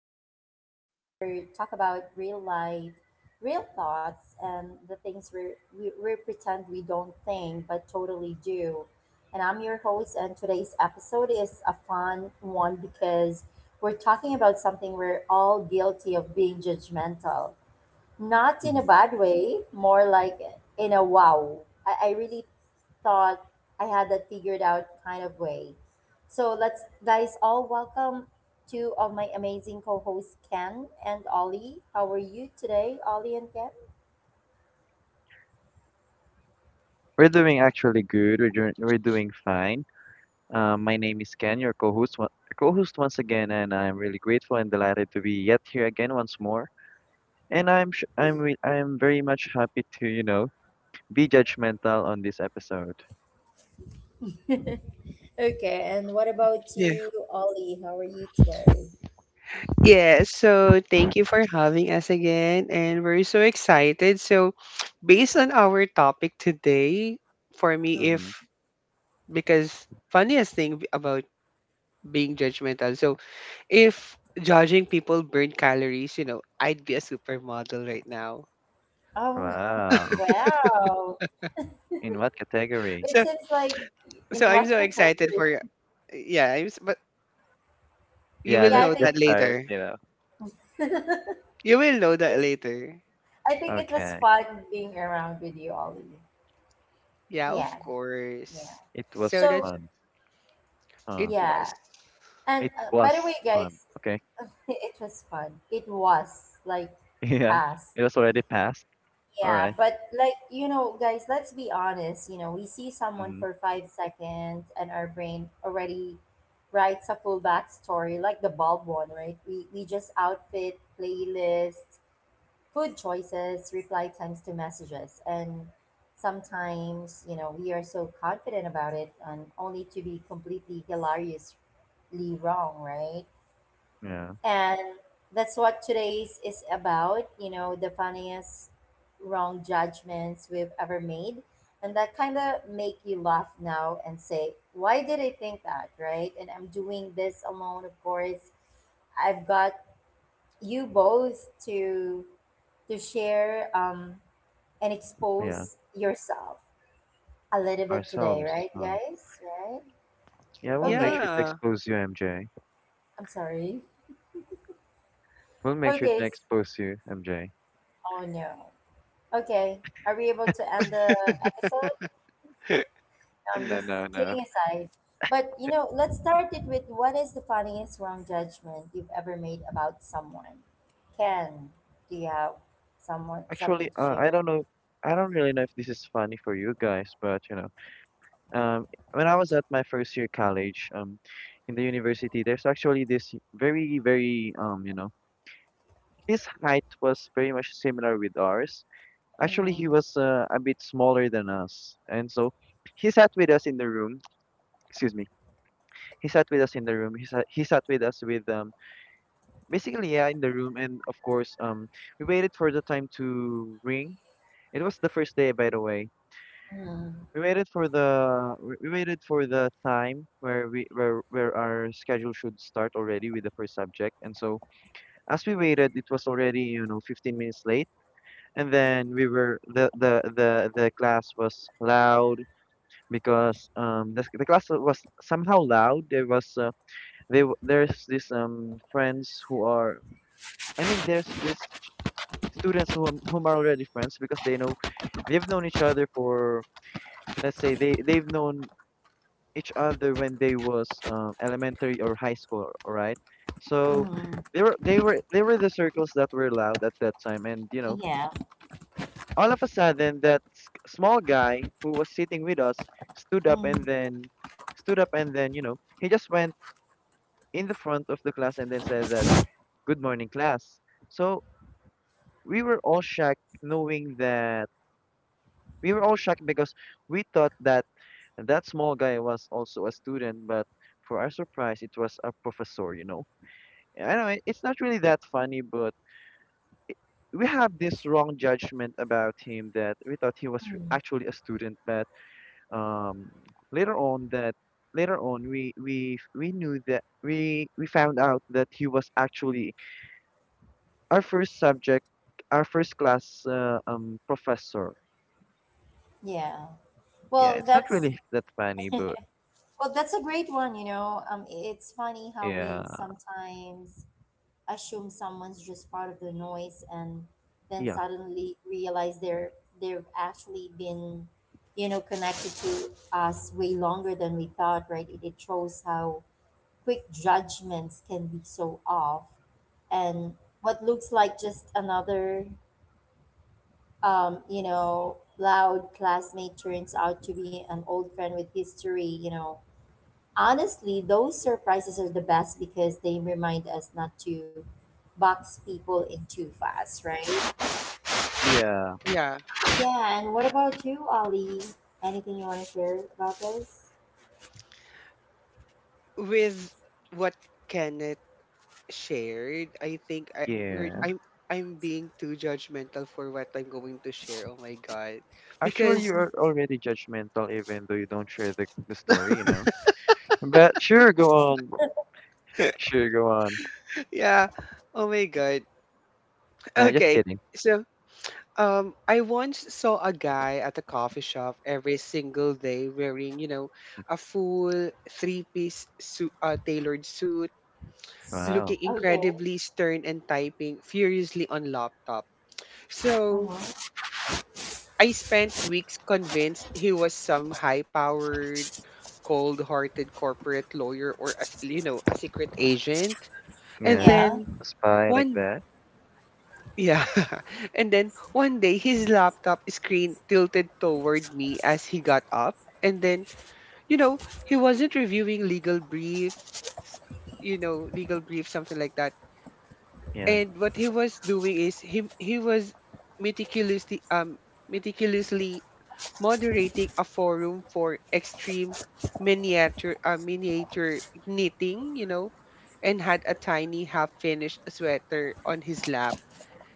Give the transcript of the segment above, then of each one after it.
the podcast where we talk about real life, real thoughts, and the things we pretend we don't think but totally do. And I'm your host, and today's episode is a fun one because we're talking about something we're all guilty of being judgmental, not in Mhm. a bad way, more like in a wow. I really thought I had that figured out kind of way. So let's guys all welcome two of my amazing co-hosts Ken and Ollie. How are you today, Ollie and We're doing actually good. We're doing fine. My name is Ken, your co-host once again, and I'm really grateful and delighted to be yet here again once more. And I'm sh I'm re I'm very much happy to, be judgmental on this episode. Ken? Okay, and what about Yeah. you, Ollie? How are you today? Yeah. So thank you for having us again. And we're so excited. So, based on our topic today, for me, Hmm? if Mm-hmm. because funniest thing about being judgmental. So, if judging people burn calories, you know, I'd be a supermodel right now. Oh, Wow. wow. In what category? It So, seems like, in I'm what so excited category? for yeah, I'm, s- but you Yeah, will Yeah, let's I know just that think start, later. you know. I You will know that later. think it was Okay. fun being around with you, Ollie. Yeah, of Yeah, yeah. course. It So was So, that's fun. Huh. it yeah. was. And It by the was way, fun. guys, Okay. it was fun. It was like Yeah. fast. It was already past. All Yeah, right. but like, you know, guys, let's be honest. You know, we see someone Mm-hmm. for 5 seconds and our brain already writes a full backstory, like the bulb one, right? We just outfit, playlist, food choices, reply times to messages, and sometimes, you know, we are so confident about it and only to be completely hilariously wrong, right? Yeah. And that's what today's is about, you know, the funniest wrong judgments we've ever made. And that kind of make you laugh now and say, why did I think that, right? And I'm doing this alone, of course. I've got you both to share, and Yeah. expose yourself a little bit today, Ourselves. right, Huh. guys? Right? Yeah, we'll make Okay, sure to Yeah. expose you, MJ. I'm sorry. We'll make sure Okay, to expose you, MJ. oh no. Okay, are we able to end the episode? No, And I'm no, just no, no. kidding aside. But you know, let's start it with, what is the funniest wrong judgment you've ever made about someone? Ken, do you have someone, something Actually, to I share? don't know. I don't really know if this is funny for you guys, but um, when I was at my first year college, in the university, there's actually this very, very, his height was very much similar with ours. Actually, he Mm, was a bit smaller than us, and so he sat with us in the room. Excuse me. He sat with us in the room. He sat with us with basically, yeah, in the room. And of course, we waited for the time to ring. It was the first day, by the way. mm, We waited for the time where we where our schedule should start already with the first subject. And so, as we waited, it was already, 15 minutes late. And then we were the class was loud because the class was somehow loud. There's this friends who are, I mean, there's this students whom are already friends because they know they've known each other for, let's say, they've known each other when they was elementary or high school, all right? So mm, they were the circles that were allowed at that time, and yeah. all of a sudden that small guy who was sitting with us stood up, Mm. and then he just went in the front of the class and then said that good morning class. So we were all shocked knowing that We were all shocked because we thought that that small guy was also a student, but for our surprise, it was a professor. I know it's not really that funny, but we have this wrong judgment about him that we thought he was Mm, actually a student, but um, later on that later on we knew that we found out that he was actually our first subject our first class professor. yeah. Yeah, Well, it's not that's really that funny, but Well, that's a great one, you know. It's funny how we yeah, sometimes assume someone's just part of the noise and then yeah. suddenly realize they've actually been, you know, connected to us way longer than we thought, right? It shows how quick judgments can be so off, and what looks like just another, you know, loud classmate turns out to be an old friend with history, you know. Honestly, those surprises are the best because they remind us not to box people in too fast, right? Yeah, Yeah. Yeah, and what about you, Ali? Anything you want to share about this? With what Kenneth shared, I think I we're, yeah. I'm being too judgmental for what I'm going to share. Oh my god. Actually, Because you are already judgmental even though you don't share the story, you know? But sure, go on. Sure, go on. yeah, oh my god. Nah, just Okay. kidding. So, I once saw a guy at a coffee shop every single day wearing, you know, a full three-piece suit, tailored suit, Wow. looking Okay. incredibly stern and typing furiously on laptop. So, Uh-huh. I spent weeks convinced he was some high-powered, cold-hearted corporate lawyer or, as you know, a secret agent. And Yeah. Yeah. then A spy like one that. yeah. And then one day his laptop screen tilted toward me as he got up. And then, you know, he wasn't reviewing legal briefs, you know, legal brief, something like that. Yeah, And what he was doing is he was meticulously meticulously moderating a forum for extreme miniature knitting, you know, and had a tiny half-finished sweater on his lap.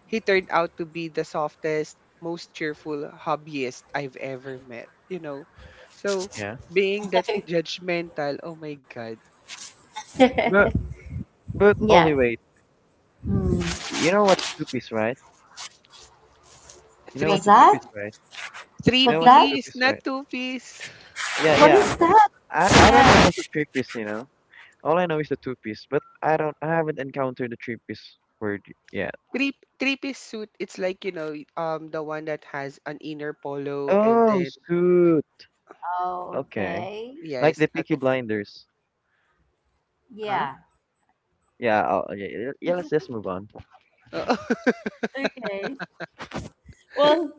He turned out to be the softest, most cheerful hobbyist I've ever met, you know. So yeah. being that judgmental, oh my god, But but Yeah. only wait. Hmm. You know what's a two-piece, right? You know three What's what's a that? two-piece, piece. right? Three You know What's what's a that? piece, two-piece, not right? two piece. Yeah, What yeah. is that? I don't know Yeah. what's a three-piece, you know? All I know is the two-piece, but I haven't encountered the three-piece word yet. Three three piece suit. It's like, you know, the one that has an inner polo and Oh, then suit. Oh, Okay. okay. Like the yes, at, Peaky Blinders. huh? Yeah. Yeah, oh, yeah, yeah, yeah, let's just move on. Oo. Okay. Well,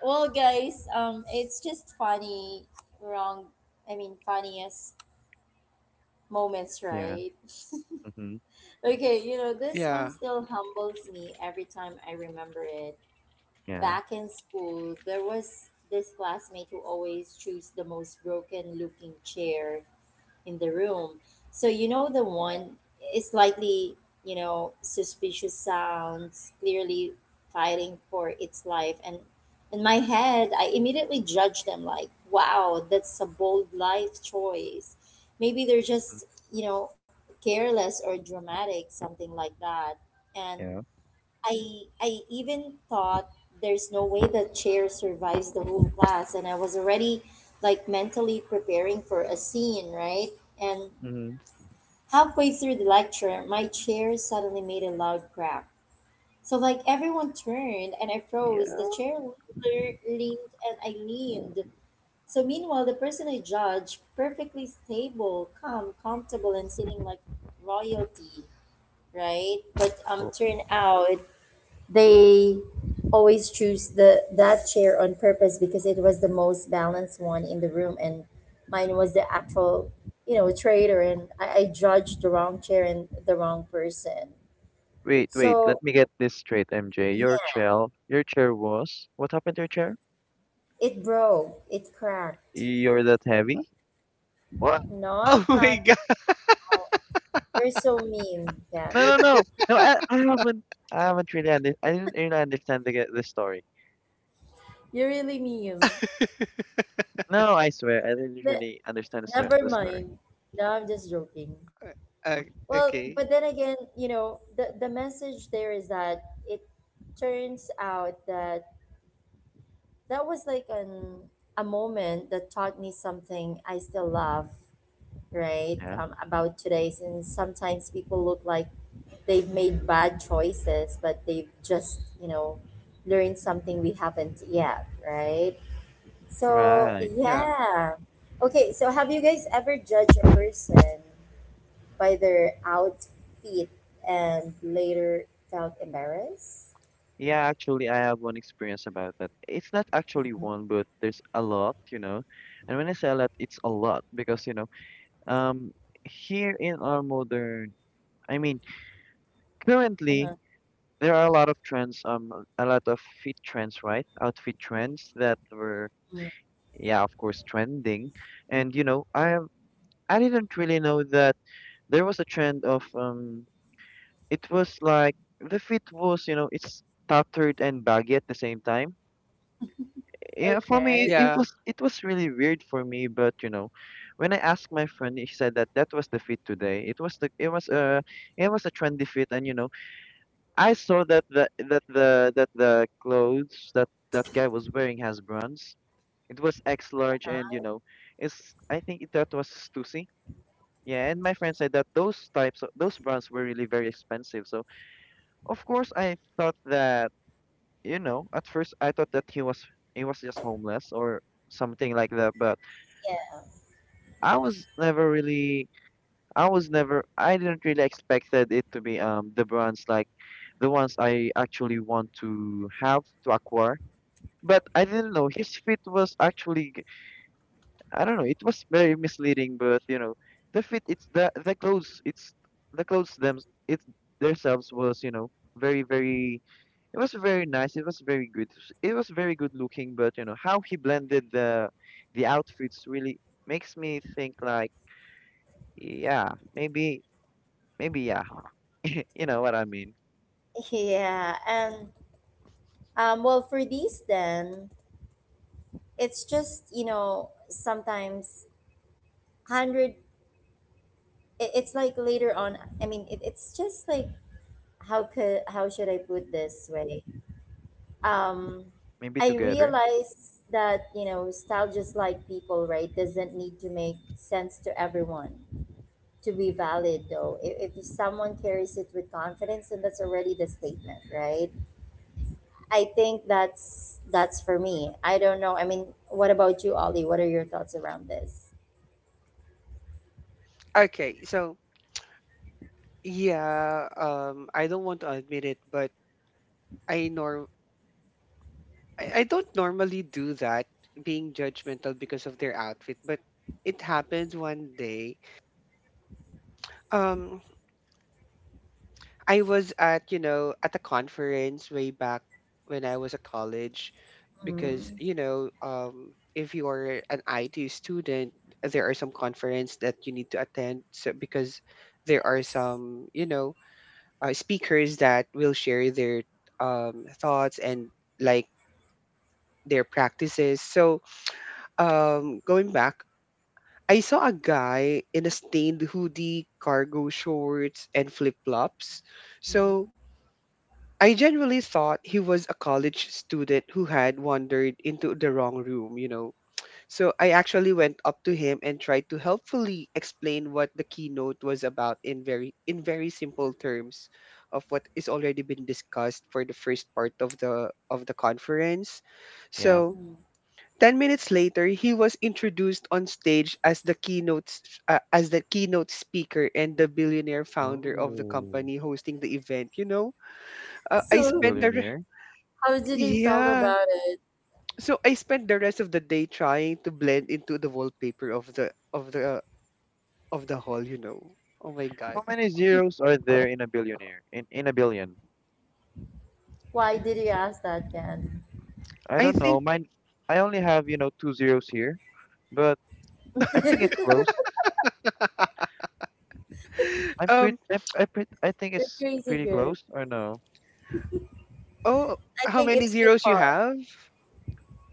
guys. It's just funny. Wrong. I mean, funniest moments, Yeah. right? Mm-hmm. Okay, you know, this one Yeah. still humbles me every time I remember it. Yeah. Back in school, there was this classmate who always chose the most broken looking chair in the room. So, you know, the one is slightly, you know, suspicious sounds, clearly fighting for its life. And in my head, I immediately judge them like, wow, that's a bold life choice. Maybe they're Mm. just, you know, careless or dramatic, something like that. And Yeah. I even thought there's no way the chair survives the whole class, and I was already like mentally preparing for a scene, right? And Mm-hmm. halfway through the lecture, my chair suddenly made a loud crack. So like everyone turned and I froze. The Yeah. chair leaned and I leaned. So meanwhile, the person I judged, perfectly stable, calm, comfortable, and sitting like royalty, right? But Well, turned out they always choose the that chair on purpose because it was the most balanced one in the room, and mine was the actual, you know, traitor, and I judged the wrong chair and the wrong person. wait, wait. Let So, me get this straight, MJ. yeah, Your chair was. What happened to your chair? it broke, it cracked. You're that heavy? What? No, Oh I'm my not. god. Oh, you're so mean, Ken. No, no, no, no. I haven't. I haven't really. I didn't really understand the story. You're really mean. No, I swear, I didn't Ne- really understand the, stor- Never the story. mind. No, I'm just joking. Uh, Well, okay. but then again, you know, the message there is that it turns out that that was like an a moment that taught me something I still love, right? Yeah. About today, since sometimes people look like they've made bad choices, but they've just, you know, learned something we haven't yet, right? So, Right. Yeah. yeah. Okay, so have you guys ever judged a person by their outfit and later felt embarrassed? Yeah, actually, I have one experience about that. It's not actually one, but there's a lot. And when I say a lot, it's a lot because, um, here in our modern, I mean, currently Uh-huh. there are a lot of trends, a lot of fit trends, right? Outfit trends that were, Mm. yeah, of course, trending. And I didn't really know that there was a trend of, it was like the fit was, it's tattered and baggy at the same time. Yeah, for me, Okay. it Yeah. was it was really weird for me, but when I asked my friend, he said that that was the fit today. It was the it was a trendy fit, and I saw that the clothes that that guy was wearing has brands. It was X large, and it's I think it- that was Stussy. Yeah, and my friend said that those types of those brands were really very expensive. So of course, I thought that at first I thought that he was just homeless or something like that, but Yeah. I was never really I was never I didn't really expected it to be the brands like the ones I actually want to have to acquire. But I didn't know his fit was I don't know, it was very misleading, but the fit it's the clothes it's the clothes them it's themselves was, very very it was very nice, it was very good. It was very good looking, but how he blended the outfits really makes me think like, yeah, maybe. Maybe, yeah. You know what I mean. Yeah. And well, for these, then, it's just, you know, sometimes 100, it's like later on. I mean, it's just like, how could, how should I put this way? Um, Maybe I together. realize that, you know, style, just like people, right, doesn't need to make sense to everyone. To be valid, though, if someone carries it with confidence, then that's already the statement, right? I think that's for me. I don't know. I mean, what about you, Ollie? What are your thoughts around this? Okay. So yeah. I don't want to admit it, but I norm I don't normally do that, being judgmental because of their outfit, but it happens one day. Um, I was at, you know, at a conference way back when I was at college because, Mm. you know, if you are an IT student, there are some conference that you need to attend so, because there are Yes. some, you know, speakers that will share their thoughts and like their practices. So, going back, I saw a guy in a stained hoodie, cargo shorts, and flip flops. So, Mm. I genuinely thought he was a college student who had wandered into the wrong room, you know. So I actually went up to him and tried to helpfully explain what the keynote was about in very simple terms of what is already been discussed for the first part of the conference. Yeah. So 10 minutes later, he was introduced on stage as the keynote speaker and the billionaire founder of the Oh, company hosting the event, you know. I So, spent the billionaire. how did you felt yeah. about it? So I spent the rest of the day trying to blend into the wallpaper of the hall, you know. Oh my How god. many zeros are there in a billionaire? In a billion? Why did you ask that, Ken? I I don't think know. Mine, I only have, two zeros here, but I think it's close. I'm pretty, um I, pret- I think You're it's crazy pretty good. close, or no? oh I how think many it's too zeros you far. have?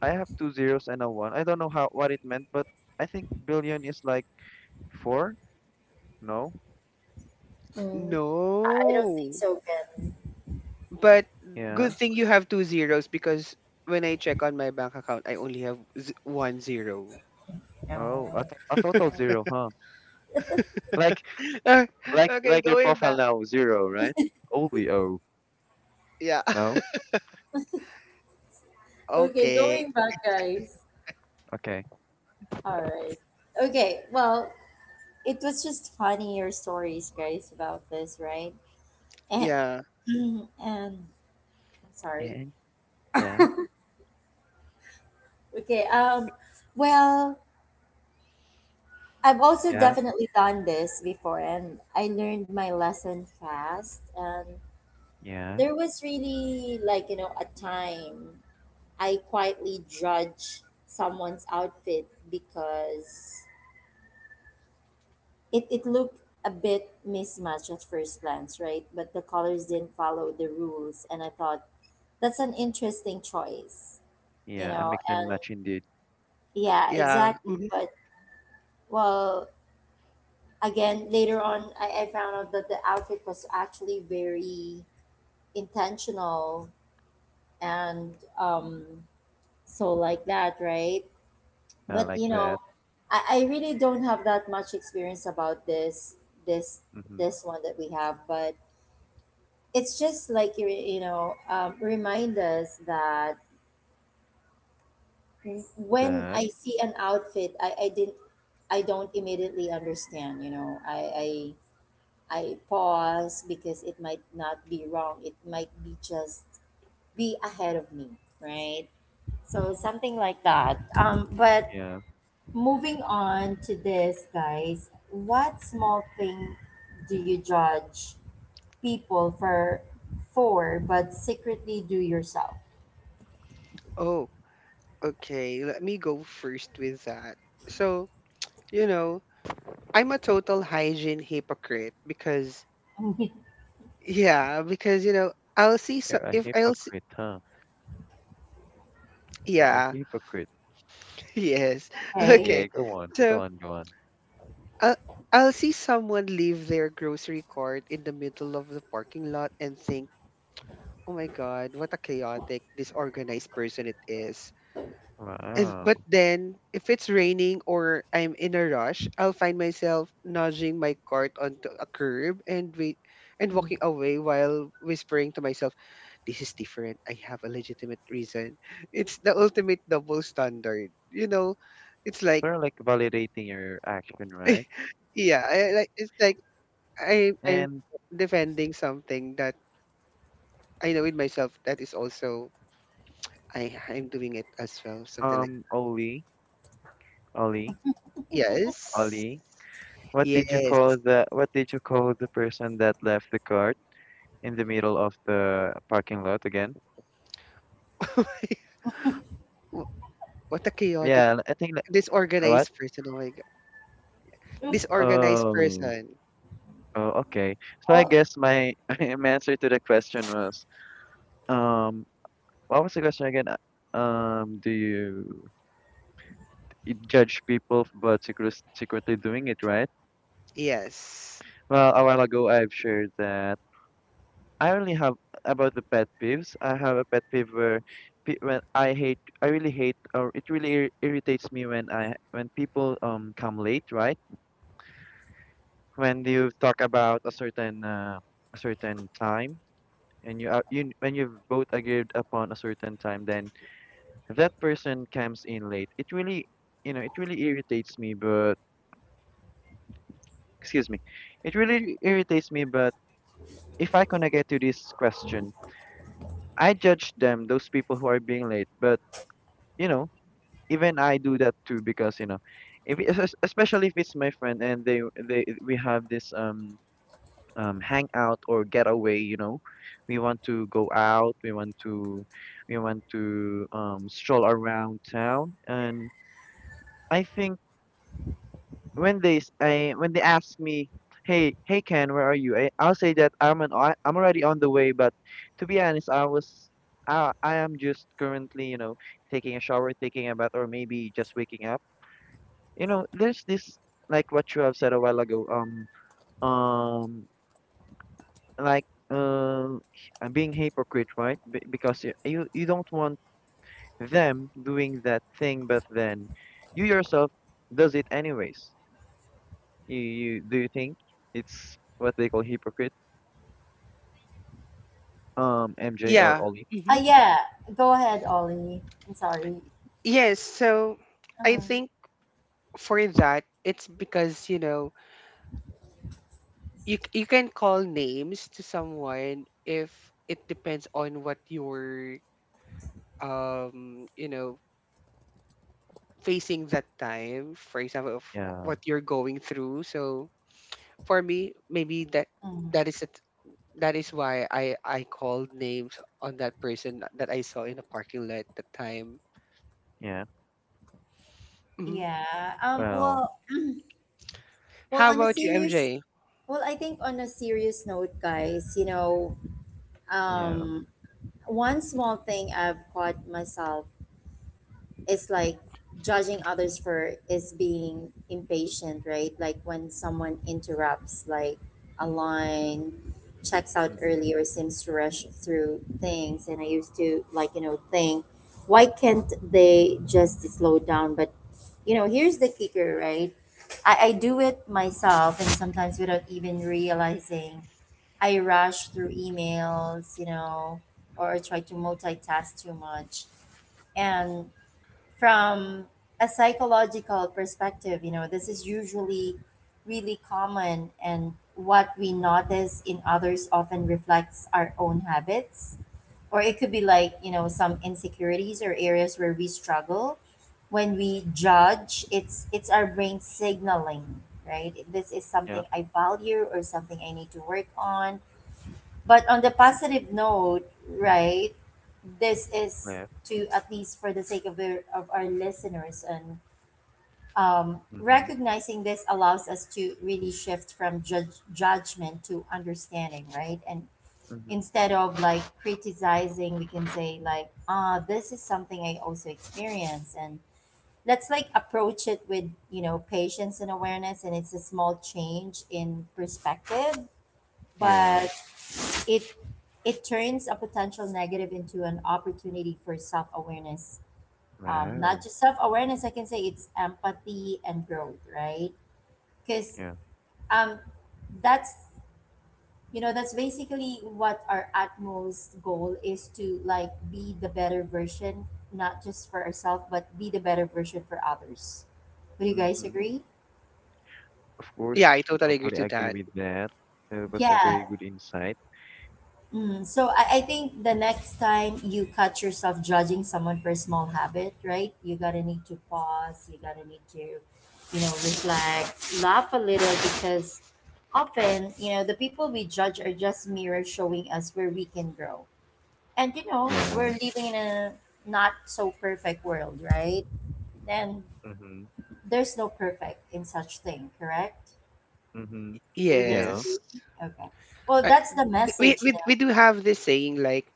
I have two zeros and a one. I don't know how what it meant, but I think billion is like four. No? Mm. I don't think No. so, Ken. But Yeah. good thing you have two zeros because when I check on my bank account I only have 1 zero. No. Oh, a total zero, huh? Like Ah, like okay, like your going back. profile now, zero, right? Only O. Yeah. No? Okay, Okay. going back, guys. Okay. All right. Okay, well, it was just funny, your stories, guys, about this, right? And, Yeah. and I'm sorry. And yeah, Okay, well, I've also yeah, definitely done this before, and I learned my lesson fast. And yeah, there was really, like, you know, a time I quietly judged someone's outfit because it looked a bit mismatched at first glance, right? But the colors didn't follow the rules and I thought, that's an interesting choice, you yeah. A know, mix and and match indeed. yeah, Yeah. exactly. Hmm. But, well, again, later on, I found out that the outfit was actually very intentional, and, um, so like that, right? But Like you know, that. I really don't have that much experience about this Mm-hmm. this one that we have, but it's just like, you know, remind us that when That. I see an outfit, I don't immediately understand, you know. I pause because it might not be wrong. It might be just be ahead of me, right? So something like that. But Yeah. moving on to this, guys, what small thing do you judge people for but secretly do yourself? Oh, okay. Let me go first with that. So, you know, I'm a total hygiene hypocrite because yeah, because you know, I'll see so You're a if I'll see, hypocrite, huh? You're a yeah, hypocrite. yes. Okay. Okay. Yeah, go on, go So on, go on. I'll I'll see someone leave their grocery cart in the middle of the parking lot and think, "Oh my god, what a chaotic, disorganized person it is." If, but Wow. then, if it's raining or I'm in a rush, I'll find myself nudging my cart onto a curb and Mm. walking away while whispering to myself, "This is different. I have a legitimate reason." It's the ultimate double standard. You know, it's like They're like validating your action, right? yeah, I, like it's like I'm And defending something that I know in myself that is also I'm doing it as well. Something like Oli, Oli, yes, Oli, what did you yes. call the what did you call the person that left the cart in the middle of the parking lot again? Wh- What a chaotic, Yeah, I think like, what? disorganized person. Oh my God. Disorganized Oh. person. Oh, okay. So I Well, guess my my answer to the question was, um, what was the question again? Do you judge people but secretly doing it, right? Yes. Well, a while ago I've shared that I only have about the pet peeves. I have a pet peeve where pe when I hate, I really hate, or it really ir irritates me when I when people come late, right? When you talk about a certain time. And you are you when you've both agreed upon a certain time, then that person comes in late, it really irritates me. But excuse me, it really irritates me. But if I gonna get to this question, I judge them those people who are being late. But you know even I do that too, because if especially if it's my friend and they we have this hang out or get away, we want to go out, we want to stroll around town, and I think when they ask me, hey, hey, Ken, where are you, I'll say that I'm already on the way, but to be honest, I am just currently, taking a shower, taking a bath, or maybe just waking up. There's this, like what you have said a while ago, um like being hypocrite, right? B because you don't want them doing that thing, but then you yourself does it anyways. You do you think it's what they call hypocrite? MJ or Yeah. Ollie? Hmm. yeah, go ahead, Ollie. I'm sorry. Yes. So I Uh, think for that, it's because you know you can call names to someone if it depends on what you're um you know facing that time. For example, of Yeah, what you're going through. So for me, maybe that Mm. that is it. That is why I called names on that person that I saw in a parking lot at the time. yeah. Hmm. Yeah. Well, Well, How on a about you, serious. MJ? Well, I think on a serious note, guys. You know. yeah. Um. One small thing I've caught myself, it's like, judging others for is being impatient, right? Like when someone interrupts, like, a line, checks out Mm-hmm. early, or seems to rush through things, and I used to like, you know, think, why can't they just slow down? But, you know, here's the kicker, right? I do it myself and sometimes without even realizing. I rush through emails, you know, or try to multitask too much. And from a psychological perspective, you know, this is usually really common, and what we notice in others often reflects our own habits. Or it could be like, you know, some insecurities or areas where we struggle. When we judge, it's our brain signaling, right? This is Yeah. something I value or something I need to work on. But on the positive note, right? This is, Left. to at least for the sake of of our listeners and, Mm-hmm. recognizing this allows us to really shift from judgment to understanding, right? And Mm-hmm. instead of like criticizing, we can say like, ah, this is something I also experience, and let's like approach it with, you know, patience and awareness, and it's a small change in perspective, Yeah. but it it turns a potential negative into an opportunity for self-awareness. Not Wow. just self awareness, I can say it's empathy and growth, right? Because Yeah. um, that's you know that's basically what our utmost goal is, to like be the better version, not just for ourselves, but be the better version for others. Would you guys Mm-hmm. agree? Of Yeah, I course, we totally agree totally to agree that. with that. That was a Yeah. very good insight. So, I think the next time you catch yourself judging someone for a small habit, right? You gotta need to pause. You gotta need to, you know, reflect, laugh a little, because often, you know, the people we judge are just mirrors showing us where we can grow. And you know, we're Yeah. living in a not so perfect world, right? And Mm-hmm. there's no perfect in such thing, correct? Mm-hmm. Would you guys Yeah. agree? Yes, Okay. Well, I, that's the we, message. You we do have this saying like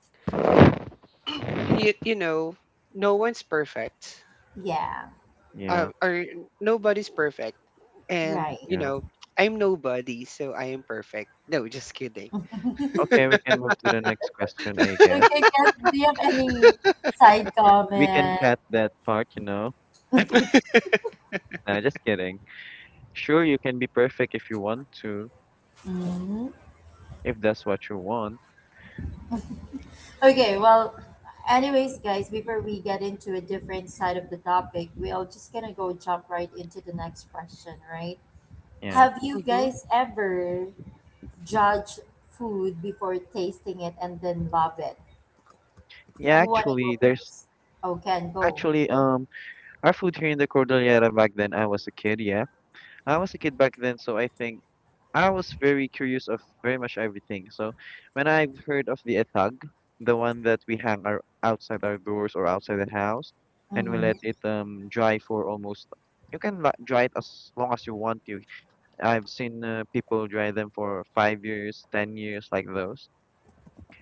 you know no one's perfect, know? Yeah. Yeah, or nobody's perfect, and Right. you yeah. know I'm nobody, so I am perfect. No, just kidding. Okay, we can move to the next question, I guess. Okay, Kat, do you have any side We can comment? cut that part. Nah, just kidding. Sure, you can be perfect if you want to, hmm if that's what you want. Okay, well, anyways, guys, before we get into a different side of the topic, we are just gonna go jump right into the next question, right? Yeah. Have you Hmm. guys ever judged food before tasting it and then love it? Yeah, Who wanna go actually, there's first? Oh, Ken, go. actually our food here in the Cordillera back then. I was a kid, yeah. I was a kid back then, so I think I was very curious of very much everything. So when I've heard of the ethag, the one that we hang outside our doors or outside the house, and we Mm-hmm. let it dry for almost dry it as long as you want to. I've seen people dry them for 5 years, 10 years, like those.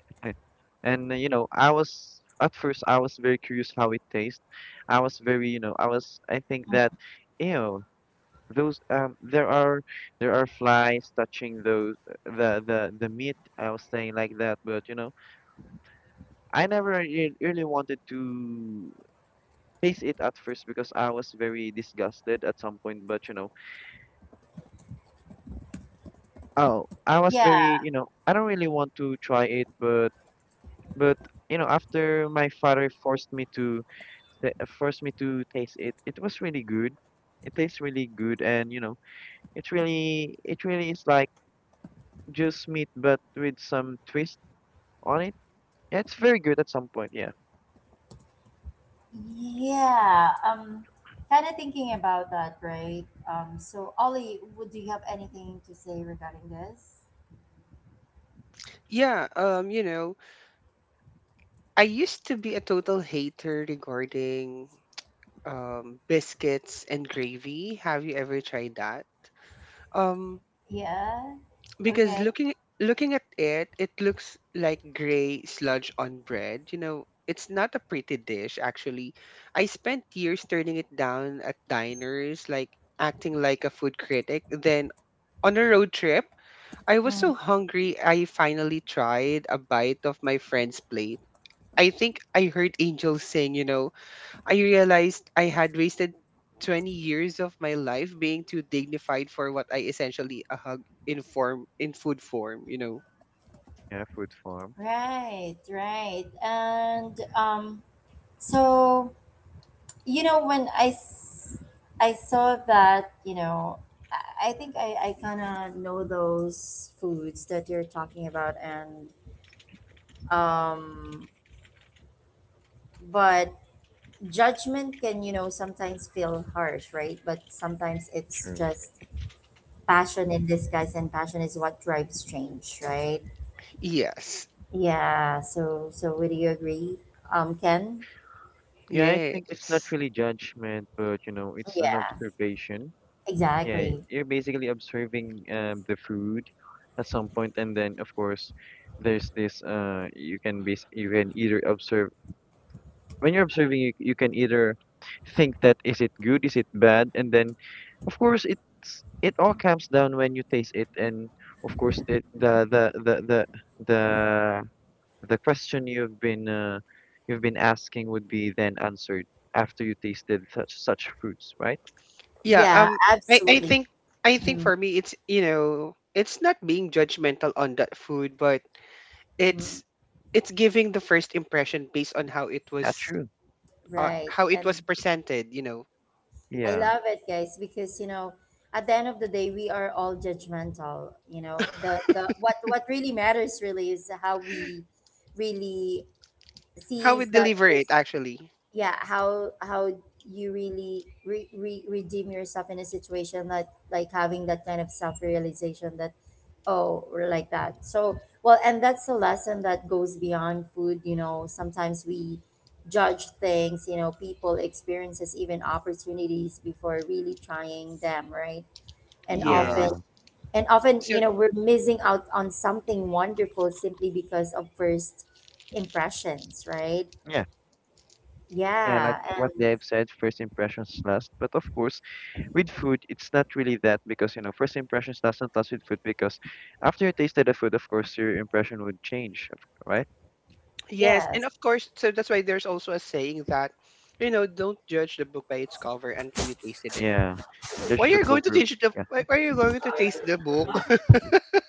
And I was very curious how it tastes. I was I think that, ew, those there are flies touching those the meat, I was saying like that. But you know, I never really wanted to taste it at first because I was very disgusted at some point. But you know, Yeah, I don't really want to try it, but you know, after my father forced me to forced me to taste it, it was really good. It tastes really good, and you know, it really is like just meat but with some twist on it. Yeah, it's very good at some point. Yeah. yeah, kind of thinking about that, right? So, Ollie, would do you have anything to say regarding this? Yeah, you know, I used to be a total hater regarding biscuits and gravy. Have you ever tried that? Um, Yeah. because Okay. Looking at it, it looks like gray sludge on bread. You know, it's not a pretty dish actually. I spent years turning it down at diners, like acting like a food critic. Then on a road trip, I was Mm, so hungry I finally tried a bite of my friend's plate. I think I heard Angel sing, you know, I realized I had wasted 20 years of my life being too dignified for what I essentially a hug in food form, you know. Yeah, food farm. right, right. And so you know when I s- I saw that, I think I kind of know those foods that you're talking about. And um, but judgment can, sometimes feel harsh, right? But sometimes it's True. just passion in disguise, and passion is what drives change, right? Yes. Yeah, so would you agree, Ken? Yeah. I think it's not Yes. really judgment, but you know, it's an Yeah, observation. Yeah, exactly. you're basically observing the food at some point, and then of course, there's this you can base you can either observe. When you're observing, you can either think, that is it good, is it bad? And then of course it's, it all comes down when you taste it. And of course it the The question you've been asking would be then answered after you tasted such such fruits, right? Yeah, Yeah, um I absolutely. think I think Mm-hmm. for me it's, you know, it's not being judgmental on that food, but Mm-hmm. it's it's giving the first impression based on Yeah, true. Right. how it was And presented, you know. I Yeah, love it, guys, because at the end of the day we are all judgmental. The what really matters really is how we really How we sees that. deliver it actually. Yeah, how you really redeem yourself in a situation, that like having that kind of self-realization that, oh, we're like that. So well, and that's a lesson that goes beyond food. You know, sometimes we judge things, you know, people, experiences, even opportunities before really trying them, right? and often Yes. yeah, and often So, you know we're missing out on something wonderful simply because of first impressions, right? yeah. Yeah. Like Yeah, what and they have said, first impressions last. But of course, with food, it's not really that, because you know, first impressions doesn't last with food. Because after you tasted the food, of course, your impression would change, right? yes, and yes. of course, so that's why there's also a saying that, you know, don't judge the book by its cover until you tasted it. Yeah. Why Judge the are you going to over. taste the Yeah, why are you going to taste the book?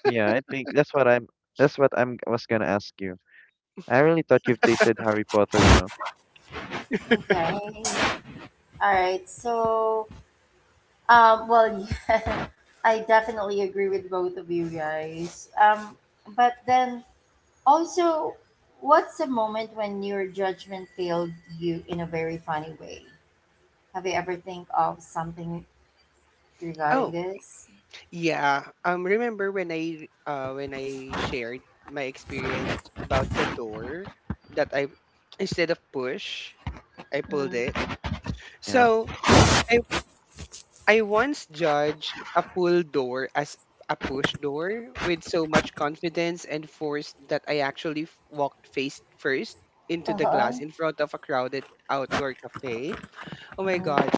yeah. I think that's what I'm. That's what I'm was gonna ask you. I really thought you've tasted Harry Potter. You know. Okay. All right. So, well, yeah, I definitely agree with both of you guys. But then also, what's a moment when your judgment failed you in a very funny way? Have you ever think of something regarding Oh, this? yeah. Um, remember when I shared my experience about the door that I, instead of push, I pulled it. Mm. Yeah. So I I once judged a pull door as a push door with so much confidence and force that I actually walked face first into the glass Uh-huh. in front of a crowded outdoor cafe. Oh my Mm. god.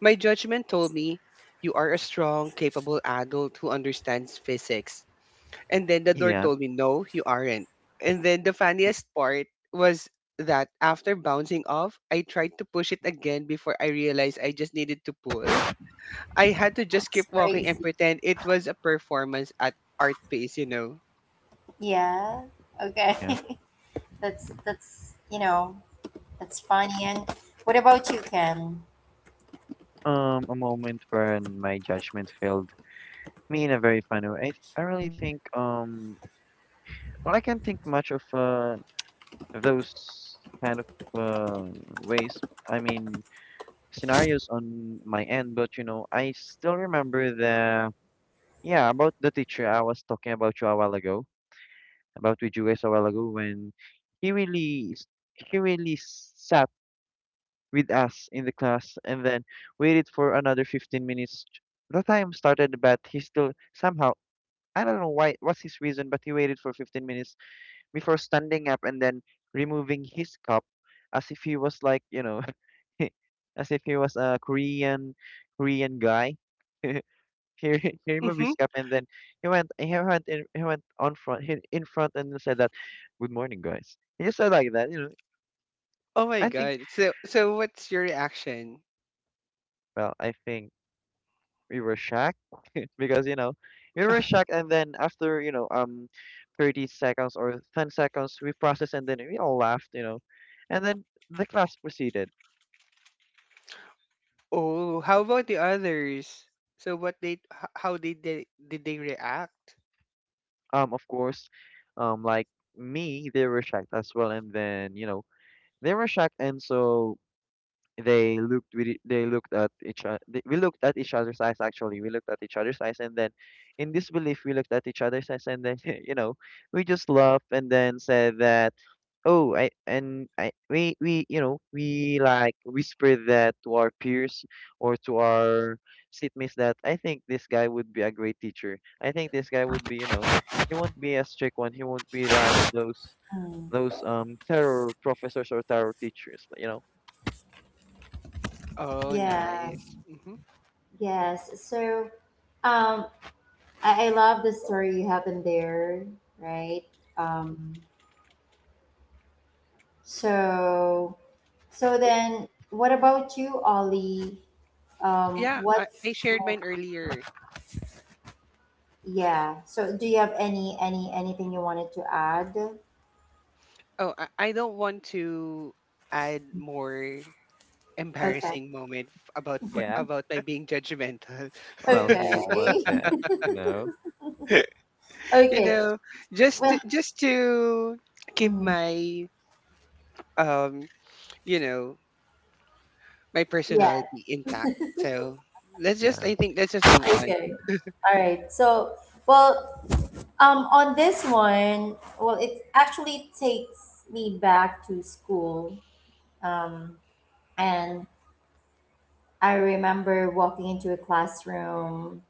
My judgment told me, "You are a strong, capable adult who understands physics." And then the door Yeah. told me, "No, you aren't." And then the funniest part was that after bouncing off, I tried to push it again before I realized I just needed to pull. I had to just That's keep walking and crazy. pretend it was a performance at art piece, you know. Yeah. Okay. That's you know that's funny. And what about you, Ken? A moment when my judgment failed me in a very funny way. I really think well, I can't think much of those kind of uh ways, I mean scenarios on my end. But you know, I still remember the, yeah, about the teacher I was talking about you a while ago, about with you guys a while ago, when he really s- he really sat with us in the class, and then waited for another 15 minutes. The time started, but he still somehow, I don't know why, what's his reason, but he waited for 15 minutes before standing up and then removing his cup, as if he was like, you know, as if he was a Korean guy. he, he removed Mm-hmm. his cup, and then he went on front, in front, and said that, good morning guys. He just said like that, you know. Oh my i think god. So so what's your reaction? I think we were shocked. Because you know, we were shocked, and then after you know, 30 seconds or 10 seconds, we processed, and then we all laughed, you know. And then the class proceeded. Oh, how about the others? So how did they react? Of course, like me, they were shocked as well. And then you know, they were shocked, and so they looked we they looked at each other. We looked at each other's eyes, and then in disbelief we looked at each other's eyes, and then you know, we just laughed, and then said that, oh, I and I we you know, we like whisper that to our peers or to our seatmates, that I think this guy would be a great teacher. I think this guy would be, you know, he won't be a strict one. He won't be like those Mm. Terror professors or terror teachers. You know? Oh, Yeah. nice. Hmm. Yes. So, um, I love the story you have in there, right? Um, so, so then, what about you, Ollie? Um, Yeah, I what's shared mo- mine earlier. yeah? So, do you have any anything you wanted to add? Oh, I don't want to add more Okay. embarrassing moment Yeah. about my being judgmental. Well, who would want Okay. that? You know? You Okay. know, Well, just to keep mhm. my um, you know, my Yeah. personality intact. So let's just, Yeah. I think, let's just move on. Okay. All right. So, well, on this one, well, it actually takes me back to school. Um, and I remember walking into a classroom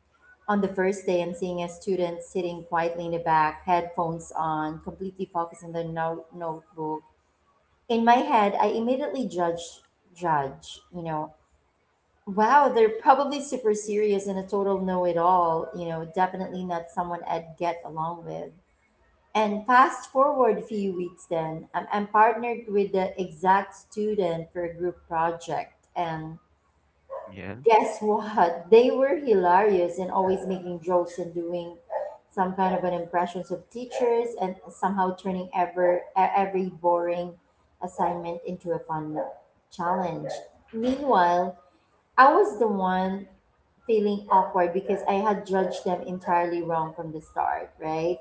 on the first day and seeing a student sitting quietly in the back, headphones on, completely focused on their notebook. In my head, I immediately judge, you know, wow, they're probably super serious and a total know-it-all, you know, definitely not someone I'd get along with. And fast forward a few weeks then, I'm partnered with the exact student for a group project. And Yeah. guess what? They were hilarious and always making jokes and doing some kind of an impressions of teachers, and somehow turning every boring assignment into a fun challenge. Meanwhile, I was the one feeling awkward because I had judged them entirely wrong from the start, right?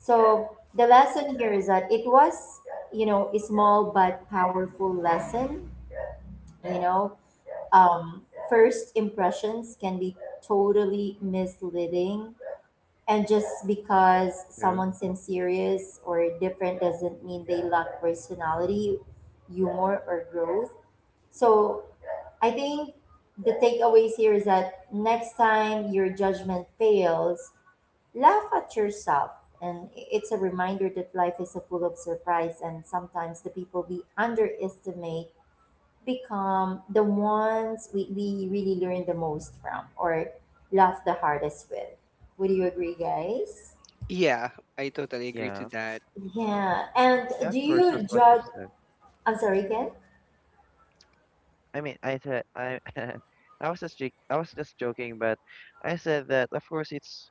So the lesson here is that it was, you know, a small but powerful lesson. You know, um, first impressions can be totally misleading, and just because True. someone seems serious or different doesn't mean they lack personality, humor, or growth. So I think the takeaways here is that next time your judgment fails, laugh at yourself, and it's a reminder that life is a full of surprise, and sometimes the people we underestimate become the ones we really learn the most from, or laugh the hardest with. Would you agree, guys? Yeah, I totally agree to Yeah. that. Yeah. And Yeah. Of do course, that's you what you've judge? said. I'm sorry, Ken. I mean, I said I I was just joking, but. I said that, of course, it's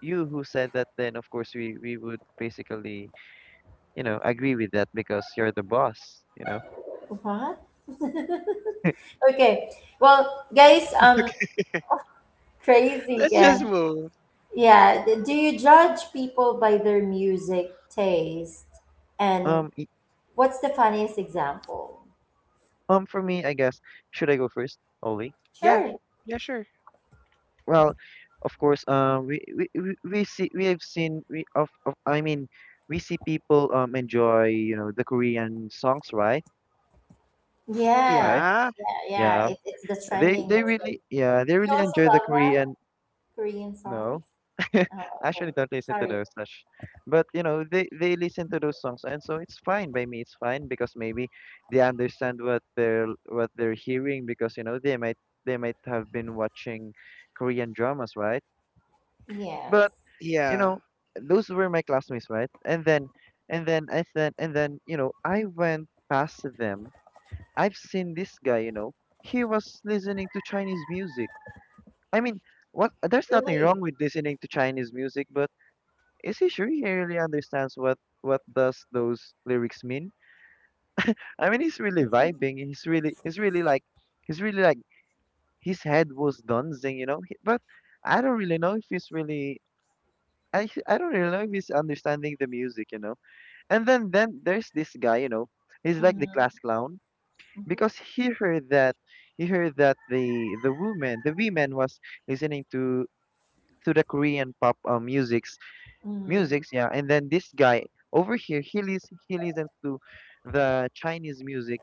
you who said that, then of course we would basically, you know, agree with that because you're the boss, you know. What? Okay. Well, guys, Let's crazy, just Ken. move. Yeah. Do you judge people by their music taste and Um, y- what's the funniest example? For me, I guess, should I go first, Oli? Yeah, Sure. yeah, sure. Well, of course, we have seen we of I mean, we see people enjoy you know the Korean songs, right? Yeah, Right? Yeah, yeah, yeah. Yeah, It's the trending they these days. really yeah they Do you really also enjoy the love that Korean. Korean songs? No. I Oh, okay. actually don't listen to Sorry. those such. But you know, they listen to those songs, and so it's fine by me. It's fine, because maybe they understand what they're hearing, because you know, they might, they might have been watching Korean dramas, right? Yes. But you yeah. know, those were my classmates, right? And then, and then I then and then you know, I went past them. I've seen this guy, you know, he was listening to Chinese music. I mean, what, there's nothing Really. wrong with listening to Chinese music, but is he sure he really understands what does those lyrics mean? I mean, he's really vibing. He's really he's really like his head was dancing, you know. He, but I don't really know if he's really, I don't really know if he's understanding the music, you know. And then there's this guy, you know. He's like the class Mm-hmm. clown, Mm-hmm. because he heard that, he heard that the woman the women was listening to the Korean pop music, Mm-hmm. musics, yeah. And then this guy over here, he listens to the Chinese music.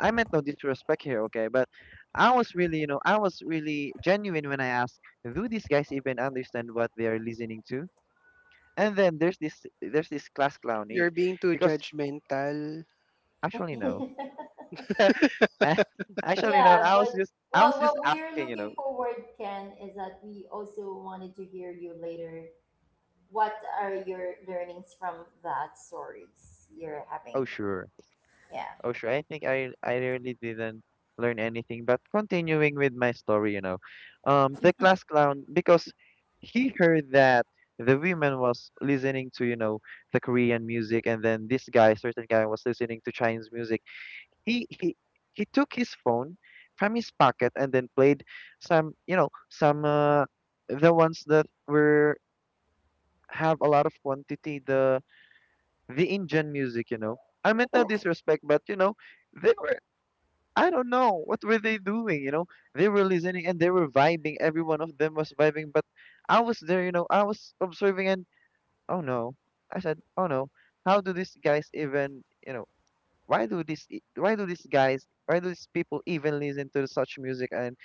I meant no disrespect here, okay? But I was really, you know, I was really genuine when I asked, do these guys even understand what they are listening to? And then there's this class clown, You're he, being too because judgmental. actually no, actually no. Yeah, but I was well, what just we're asking, you looking know. forward, Ken, is that we also wanted to hear you later. What are your learnings from that stories you're having? Oh sure. Yeah. Oh, sure. I think I really didn't learn anything, but continuing with my story, you know, the class clown, because he heard that the women was listening to you know the Korean music, and then this guy, certain guy, was listening to Chinese music. He he he took his phone from his pocket, and then played some, you know, some the ones that were have a lot of quantity, the Indian music, you know. I meant no disrespect, but you know. They were, I don't know. What were they doing? You know, they were listening and they were vibing. Every one of them was vibing, but I was there, you know, I was observing, and oh no. I said, "Oh no. How do these guys even, you know, why do these guys, why do these people even listen to such music, and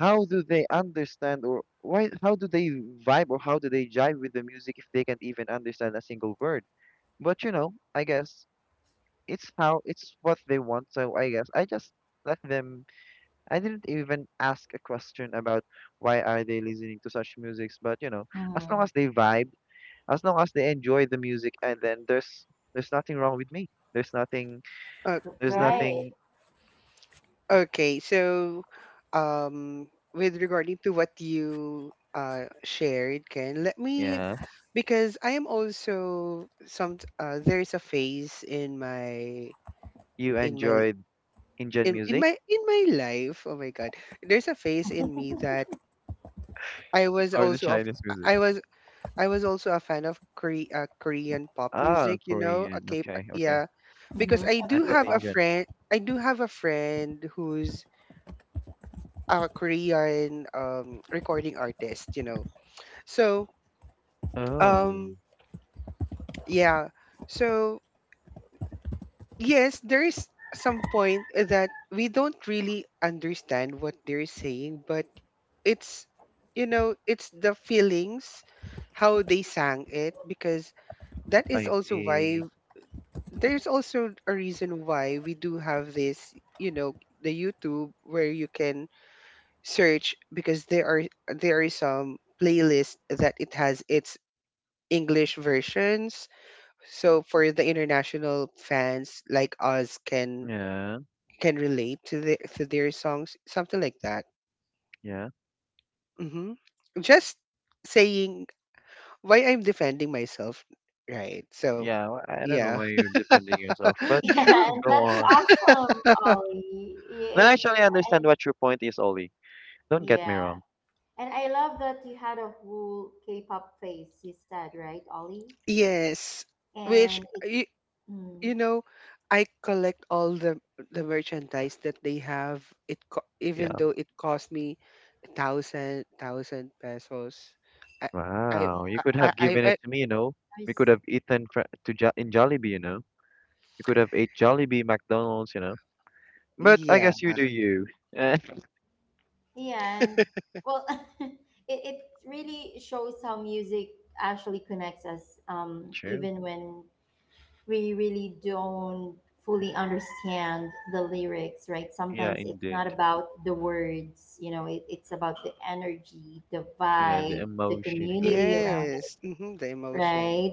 how do they understand or why how do they vibe or how do they jive with the music if they can't even understand a single word?" But you know, I guess it's how, it's what they want, so I guess I just let them. I didn't even ask a question about why are they listening to such musics, but you know, as long Mm-hmm. as they vibe, as long as they enjoy the music, and then there's nothing wrong with me. There's nothing. Uh, There's mm-hmm. Right. nothing. Okay, so, um, with regarding to what you shared, Ken, let me Yeah, because I am also some there is a phase in my you in my enjoy Indian in music my in my life, oh my god, there's a phase in me that i was or the also of Chinese music? I was I was also a fan of Korean pop Ah, music, you know. Korean. Okay, Okay, okay. yeah, because Mm-hmm. I I do Okay. thought have a Indian. friend I do have a friend who's a Korean recording artist, you know. So, Oh, um, yeah, so yes, there is some point that we don't really understand what they're saying, but it's, you know, it's the feelings, how they sang it, because that is I also why see. there's also a reason why we do have this, you know, the YouTube where you can search because there are there is some playlist that it has its English versions. So for the international fans like us Yeah, can relate to their songs, something like that. yeah, Hmm. Just saying why I'm defending myself, right? So yeah. I don't know yeah, why you're defending yourself, but Yeah, sure, go that's on. awesome, Ollie. Then I It's actually understand and what your point is, Ollie. Don't get me Yeah, wrong. and I love that you had a whole K-pop phase. You said right, Ollie, yes. Which and it, you, mm, you know, I collect all the merchandise that they have. It even Yeah. though it cost me thousand pesos. I I yeah, Wow. You could I have I, given it I to me, you know. We could there's- have eaten fr to jo in Jollibee, you know. You could have ate Jollibee, McDonald's, you know. But I yeah, guess you do you. Eh, yeah, and well, it, it really shows how music actually connects us, True. even when we really don't fully understand the lyrics, right? Yeah, Sometimes it's not indeed. about the words, you know, it's about the energy, the Yeah, the vibe, the emotion, right? community around yes. Hmm, the it, emotion. right?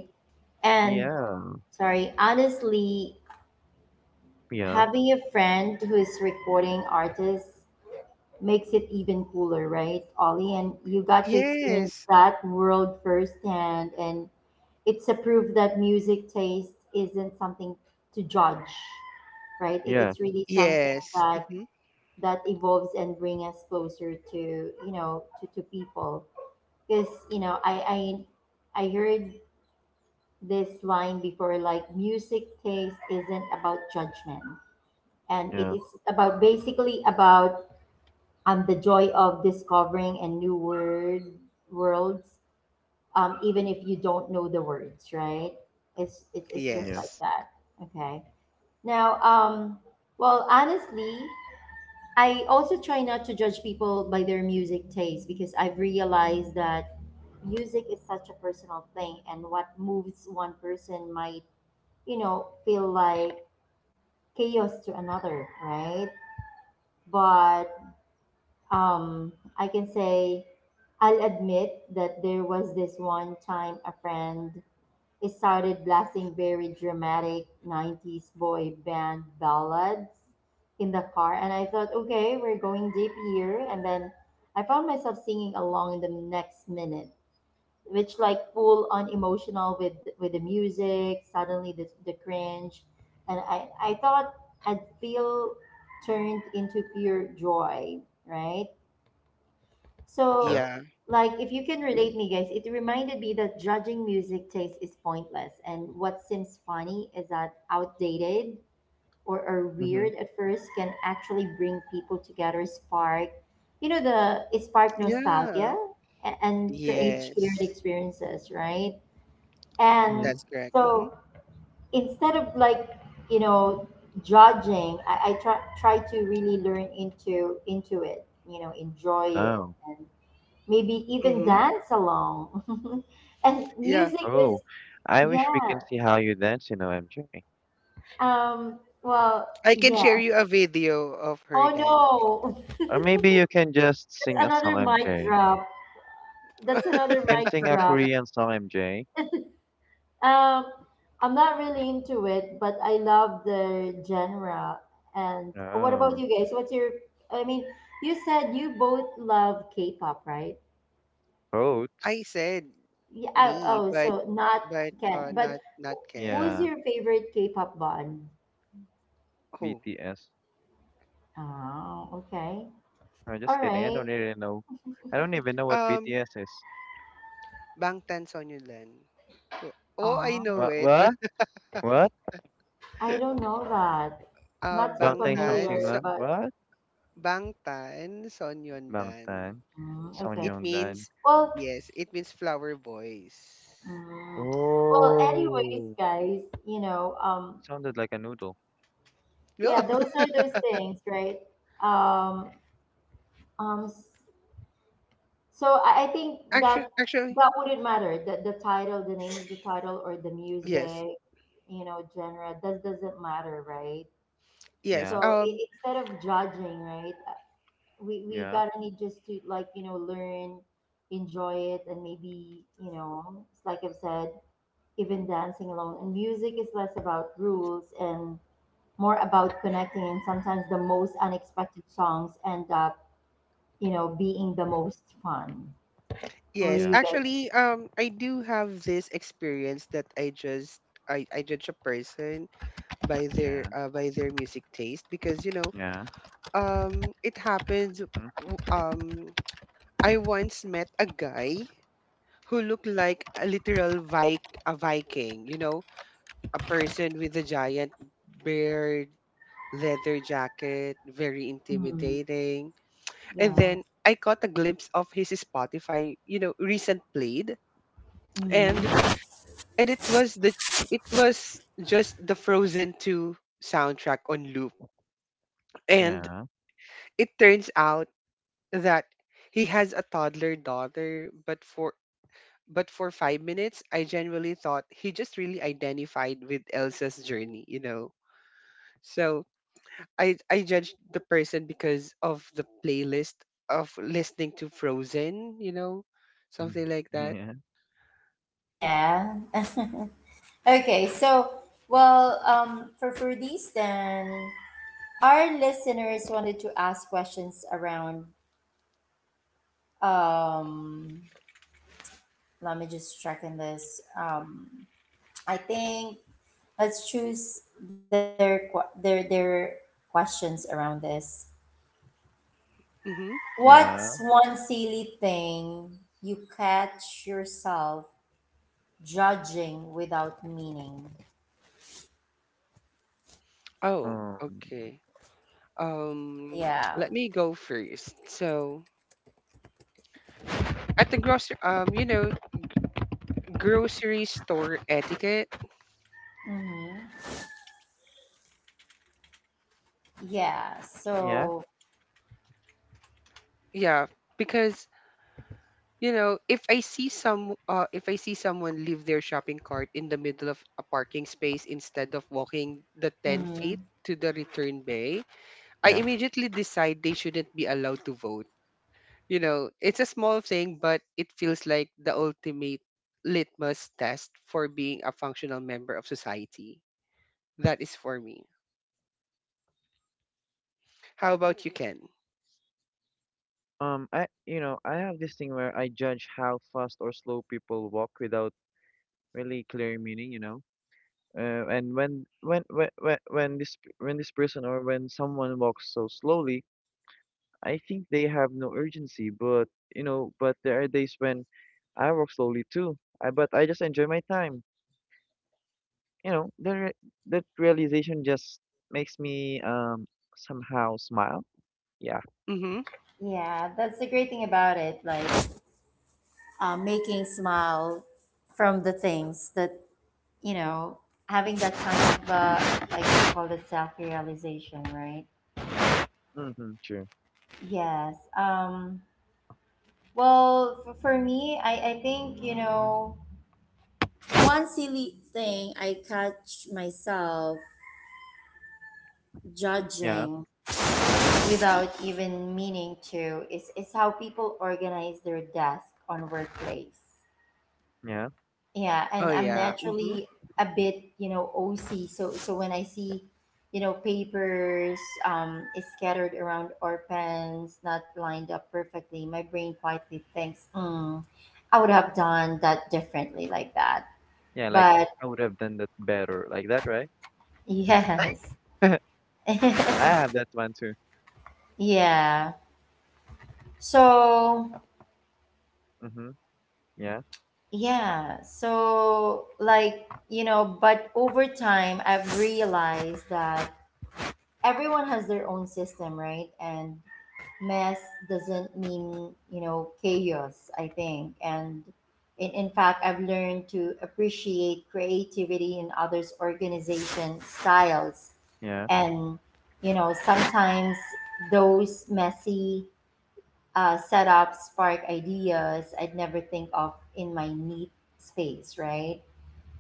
And Yeah. sorry, honestly, Yeah. having a friend who is recording artists makes it even cooler, right, Ollie? And you got to experience Yes. that world firsthand, and it's a proof that music taste isn't something to judge, right? It, Yeah. it's really something Yes. that Mm-hmm. that evolves and bring us closer to, you know, to people, because you know I heard this line before, like, music taste isn't about judgment and it Yeah. is about basically about the joy of discovering a new word, worlds, even if you don't know the words, right? It's just Yeah. like Yes. that. Okay, now, well, honestly, I also try not to judge people by their music taste because I've realized that music is such a personal thing, and what moves one person might, you know, feel like chaos to another, right? But um, I can say I'll admit that there was this one time a friend he started blasting very dramatic 90s boy band ballads in the car, and I thought, okay, we're going deep here, and then I found myself singing along in the next minute, which like full on emotional with the music, suddenly the cringe and I thought I'd feel turned into pure joy, right? Yeah. So, Yeah. like, if you can relate me, guys, it reminded me that judging music taste is pointless, and what seems funny is that outdated or Mm-hmm. weird at first can actually bring people together, spark, you know, the it spark Yeah. nostalgia and create shared Yes. experiences, right? And Mm-hmm. That's correct. Mm-hmm. so instead of like, you know, judging, I try to really learn into it, you know, enjoy it Oh. and maybe even Mm-hmm. dance along. And Yeah. music is, Oh. I yeah, wish we can see how you dance, you know, MJ. Well, I can yeah. share you a video of her Oh dancing. no, Or that's maybe you can just sing a song, another mic MJ. drop. That's another You can mic sing a drop. Korean song, MJ. Um, I'm not really into it, but I love the genre. And what about Oh. you guys? What's your, I mean, you said you both love K-pop, right? Both. I said Yeah, oh, me, oh, but so not Ken, but not not who's Yeah. Ken. your favorite K-pop band? Who? BTS. Oh, okay. I'm All just kidding. I right. don't really know. I don't even know what Um, BTS is. Bangtan Sonyeoldan. Oh, oh, I Oh, know What? it. What? What? I don't know that. um Not so Bangtan Bangtan familiar, so, Sangsingnam? but What? Bangtan Sonyeoldan. Bangtan mm, okay. It Sonyeondan. means Well, yes, it means flower boys. mm, well. Anyways, Oh, guys, you know, sounded like a noodle. No, yeah, those are those things, right? Um, um. s- So I think that actually that wouldn't matter. The title, the name of the title, or the yes. music, you know, genre. That doesn't matter, right? Yes, Yeah, So I instead of judging, right? We yeah, gotta need just to, like, you know, learn, enjoy it, and maybe, you know, it's like I've said, even dancing alone. And music is less about rules and more about connecting, and sometimes the most unexpected songs end up, you know, being the most fun. Or yes. yeah, you Actually, I do have this experience that I judge a person by their yeah, music taste because yeah, it happens. mm-hmm, w- um I once met a guy who looked like a Viking, you know, a person with a giant beard, leather jacket, very guys, mm, intimidating. And yeah, then I caught a glimpse of his Spotify, you know, recent played, and mm, and it was the it was just the Frozen 2 soundtrack on loop. And yeah, it turns out that he has a toddler daughter, but for 5 minutes I genuinely thought he just really identified with Elsa's journey. So I judged the person because of the playlist of listening to Frozen, mhm, something like that. yeah, yeah. Okay, so well, for these then, our listeners wanted to ask questions around. Um, let me just check in this. I think let's choose their their questions around this. Mhm. yeah. What's one silly thing you catch yourself judging without meaning? Oh, Um, okay. Um, Yeah. let me go first. So at the grocery, grocery store etiquette. Mm-hmm. Yeah. yeah, So. Yeah, because if I see if I see someone leave their shopping cart in the middle of a parking space instead of walking the ten Mm-hmm. feet to the return bay, I yeah. immediately decide they shouldn't be allowed to vote. You know, it's a small thing, but it feels like the ultimate litmus test for being a functional member of society. That is for me. How about you, Ken? I, you know, I have this thing where I judge how fast or slow people walk without really clear meaning. You know. And when this person or when someone walks so slowly, I think they have no urgency. But you know, but there are days when I walk slowly too. I But I just enjoy my time. You know, the that realization just makes me somehow smile. Yeah. Mm-hmm. Yeah, that's the great thing about it. Like making smile from the things that, you know, having that kind of like you call it self realization, right? Mm-hmm, true. Yes. Well, for me, I think you know one silly thing I catch myself Yeah, judging without even meaning to is how people organize their desk on workplace. yeah, Yeah, Oh and I'm yeah. Mm-hmm. naturally a bit, you know, OC. So so when I see, you know, papers is scattered around or pens not lined up perfectly, my brain quietly thinks, mm, I would have done that differently like that. yeah, like But I would have done that better, like that, right? yes. Well, I have that one too. Yeah. So, Mm-hmm. Yeah, yeah. So, like, you know, but over time, I've realized that everyone has their own system, right? And mess doesn't mean, you know, chaos, I think. And in fact, I've learned to appreciate creativity in others' organization styles. yeah, And, you know, sometimes those messy setups spark ideas I'd never think of in my neat space, right?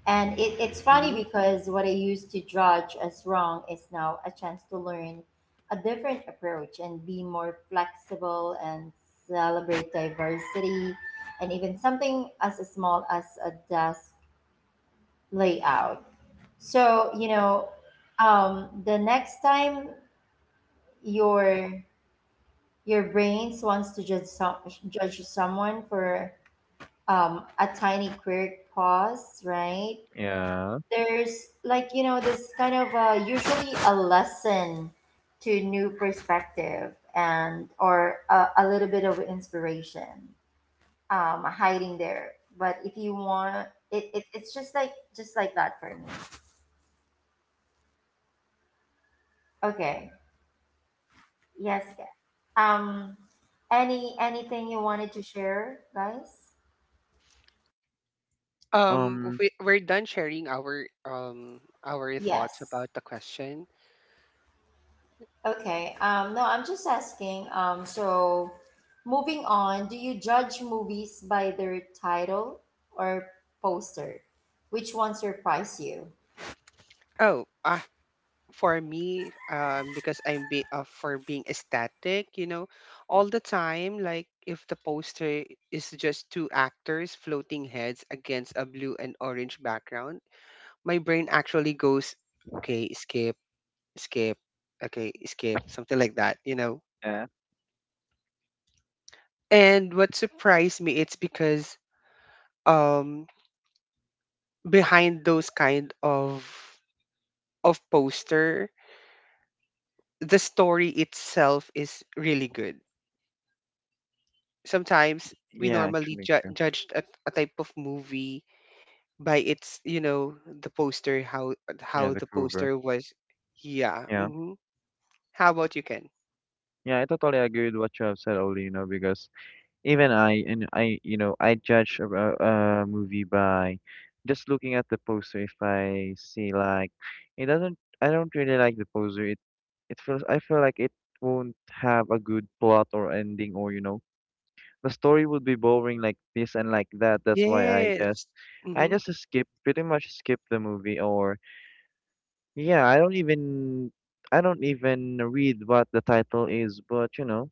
And it, it's funny Mm-hmm. because what I used to judge as wrong is now a chance to learn a different approach and be more flexible and celebrate diversity and even something as small as a desk layout. So, you know, the next time your your brains wants to judge someone for a tiny quirk pause, right? yeah. There's, like, you know, this kind of usually a lesson to new perspective, and or a little bit of inspiration hiding there. But if you want it, it's just like that for me. Okay, yes, Kat. um any anything you wanted to share, guys? If Um. we're done sharing our thoughts Yes. about the question. Okay. No, I'm just asking. So moving on, do you judge movies by their title or poster? Which one surprised you? Oh, ah, for me, because I'm be for being aesthetic, you know, all the time. Like if the poster is just two actors' floating heads against a blue and orange background, my brain actually goes, okay, skip, skip, okay, skip, something like that, you know. Yeah. And what surprised me, it's because um behind those kind of poster the story itself is really good sometimes. We Yeah, normally actually true. judge a type of movie by its, you know, the poster, Yeah, how the the cover. poster was. Yeah. Yeah. Hmm. How about you, Ken? Yeah, I totally agree with what you have said, Oli, you know, because even I, you know, I judge a a movie by just looking at the poster. If I see like it doesn't, I don't really like the poster. It feels I feel like it won't have a good plot or ending, or you know, the story would be boring like this and like that. That's why Yes. I Hmm. just skip, pretty much skip the movie. Or yeah, I don't even, I don't even read what the title is, but you know,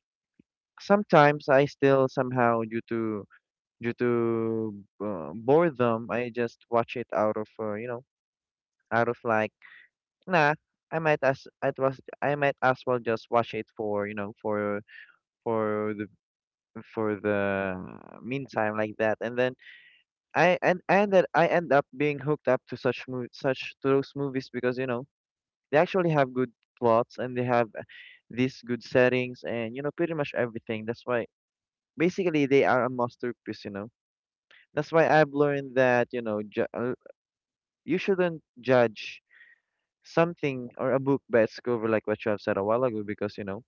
sometimes I still somehow due to boredom, I just watch it out of you know, out of like, nah, I might as well just watch it for, you know, for the, for the meantime, like that. And then I and that I end up being hooked up to such mov such to those movies because, you know, they actually have good plots and they have these good settings and you know pretty much everything. That's why basically they are a masterpiece. You know, that's why I've learned that you know you shouldn't judge something or a book by its cover, like what you have said a while ago, because you know,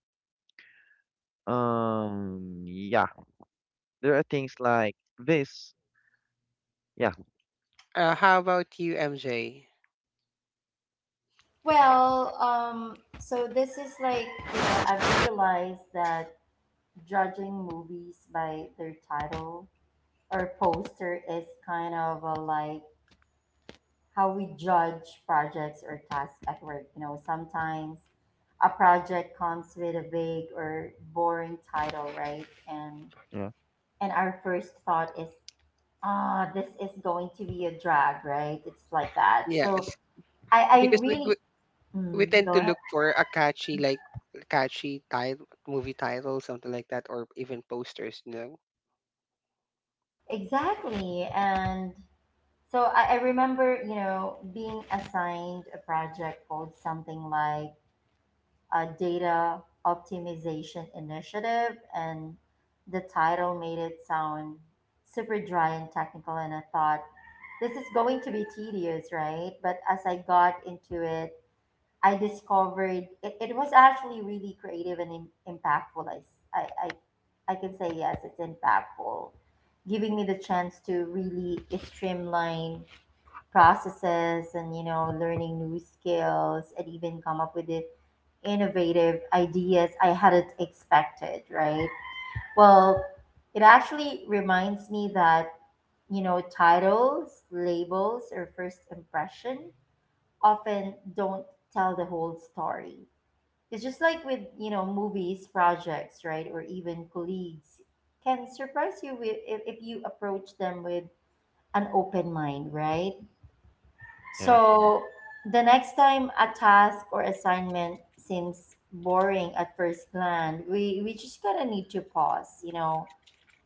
yeah, there are things like this. Yeah, Uh, how about you, MJ? Well, so this is like, you know, I've realized that judging movies by their title or poster is kind of a, like how we judge projects or tasks at work. You know, sometimes a project comes with a vague or boring title, right? And yeah, and our first thought is, ah, this is going to be a drag, right? It's like that. So Yes, I because really we mm, tend go to ahead. look for a catchy, like, catchy title, movie title, something like that, or even posters, you know. Exactly. And so I remember, you know, being assigned a project called something like data optimization initiative, and the title made it sound super dry and technical. And I thought, this is going to be tedious, right? But as I got into it, I discovered it, it was actually really creative and impactful. I I can say yes, it's impactful, giving me the chance to really streamline processes and, you know, learning new skills and even come up with the innovative ideas I hadn't expected, right? Well, it actually reminds me that, you know, titles, labels, or first impression often don't tell the whole story. It's just like with, you know, movies, projects, right? Or even colleagues can surprise you with, if you approach them with an open mind, right? yeah. So the next time a task or assignment seems boring at first glance, we just gotta need to pause, you know,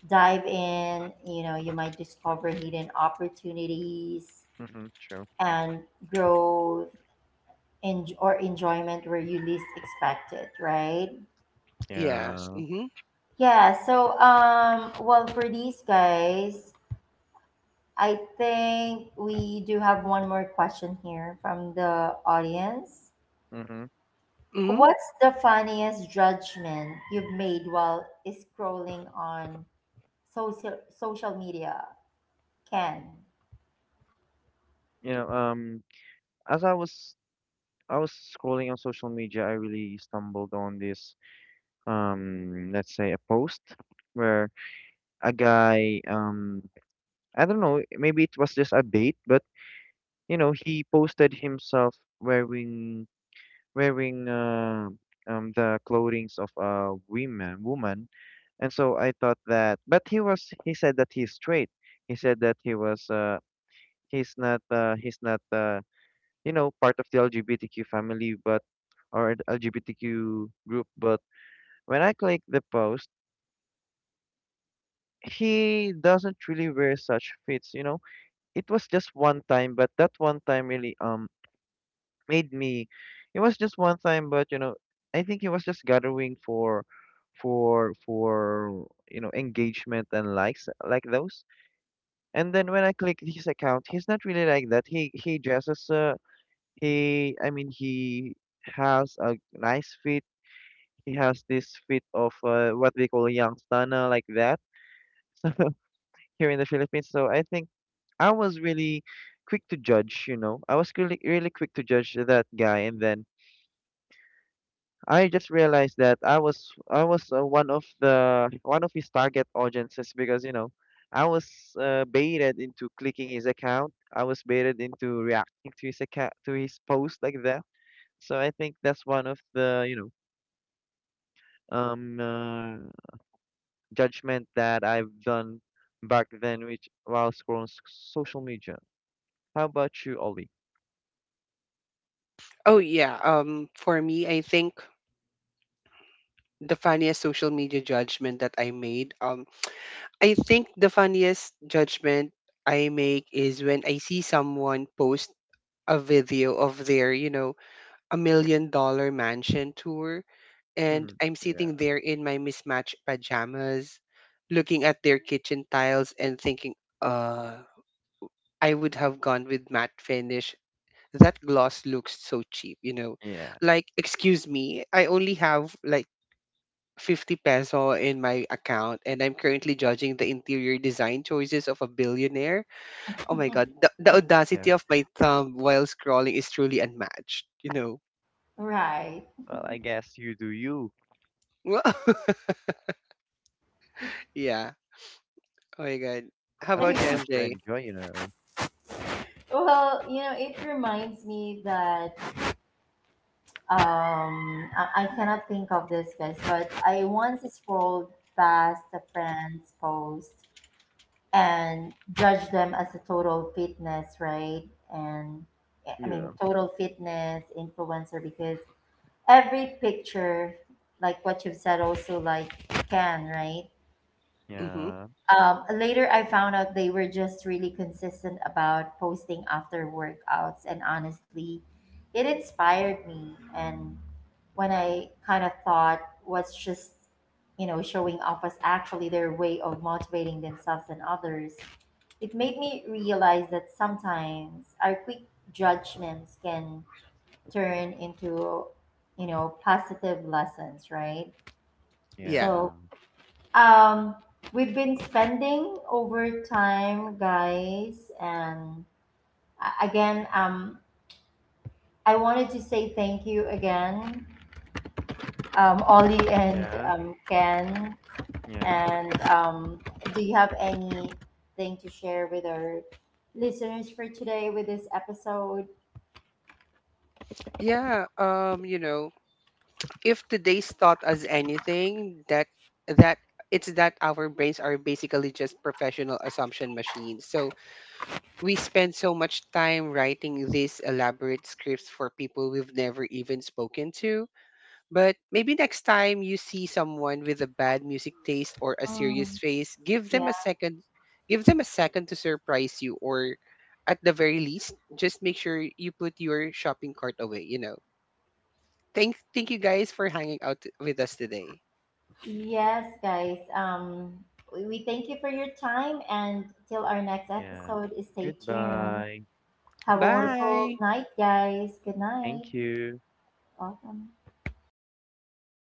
dive in, you know, you might discover hidden opportunities Mm-hmm, true. and growth or enjoyment where you least expect it, right? Yes. Yeah. Mm-hmm. Yeah, so well, for these guys, I think we do have one more question here from the audience. Mm-hmm. Mm-hmm. What's the funniest judgment you've made while scrolling on social media? Can, You know, as I was scrolling on social media, I really stumbled on this. Let's say a post where a guy, I don't know, maybe it was just a bait, but you know, he posted himself wearing wearing the clothings of a woman woman. And so I thought that, but he said that he's straight. He said that he's not, you know, part of the LGBTQ family, but, or the LGBTQ group. But when I clicked the post, he doesn't really wear such fits, you know. It was just one time, but that one time really made me. It was just one time, but you know, I think he was just gathering for you know, engagement and likes like those. And then when I clicked his account, he's not really like that. He dresses, he I mean, he has a nice fit. He has this fit of what they call young stunner, like that, here in the Philippines. So I think I was really quick to judge, you know. I was really, really quick to judge that guy. And then I just realized that I was, one of the, one of his target audiences, because you know, I was, baited into clicking his account. I was baited into reacting to his account, to his post, like that. So I think that's one of the, you know, um uh, judgment that I've done back then, which while scrolling social media. How about you, Ollie? Oh yeah. For me, I think the funniest social media judgment that I made I think the funniest judgment I make is when I see someone post a video of their, you know, a million dollar mansion tour, and I'm sitting Yeah. there in my mismatched pajamas, looking at their kitchen tiles and thinking, uh, I would have gone with matte finish. That gloss looks so cheap, you know. Yeah. Like, excuse me, I only have like 50 peso in my account and I'm currently judging the interior design choices of a billionaire. Oh my god, the Yeah. audacity of my thumb while scrolling is truly unmatched, you know. right? Well, I guess you do you, Yeah. Oh my god. How as about you, long as you MJ? enjoy, you know. Well, you know, it reminds me that, um, I cannot think of this best, but I once scrolled past a friend's post and judged them as a total fitness, right? And I mean, Yeah. total fitness influencer because every picture like what you've said also like, can, right? Yeah. Later I found out they were just really consistent about posting after workouts, and honestly it inspired me. And when I kind of thought what's just, you know, showing off was actually their way of motivating themselves and others, it made me realize that sometimes our quick judgments can turn into, you know, positive lessons, right? Yeah. Yeah. So um we've been spending over time, guys, and again, I wanted to say thank you again, Ollie and Yeah. Ken. Yeah. And Do you have anything to share with our listeners for today with this episode? Yeah, you know, if today's taught us anything, that that it's that our brains are basically just professional assumption machines. So we spend so much time writing these elaborate scripts for people we've never even spoken to. But maybe next time you see someone with a bad music taste or a serious Mm, face, yeah. Give them a second to surprise you, or at the very least, just make sure you put your shopping cart away, you know. Thank you guys for hanging out with us today. Yes, guys. We thank you for your time, and till our next Yeah. episode, stay tuned. Goodbye. Have a wonderful Bye. night, guys. Good night. Thank you. Welcome.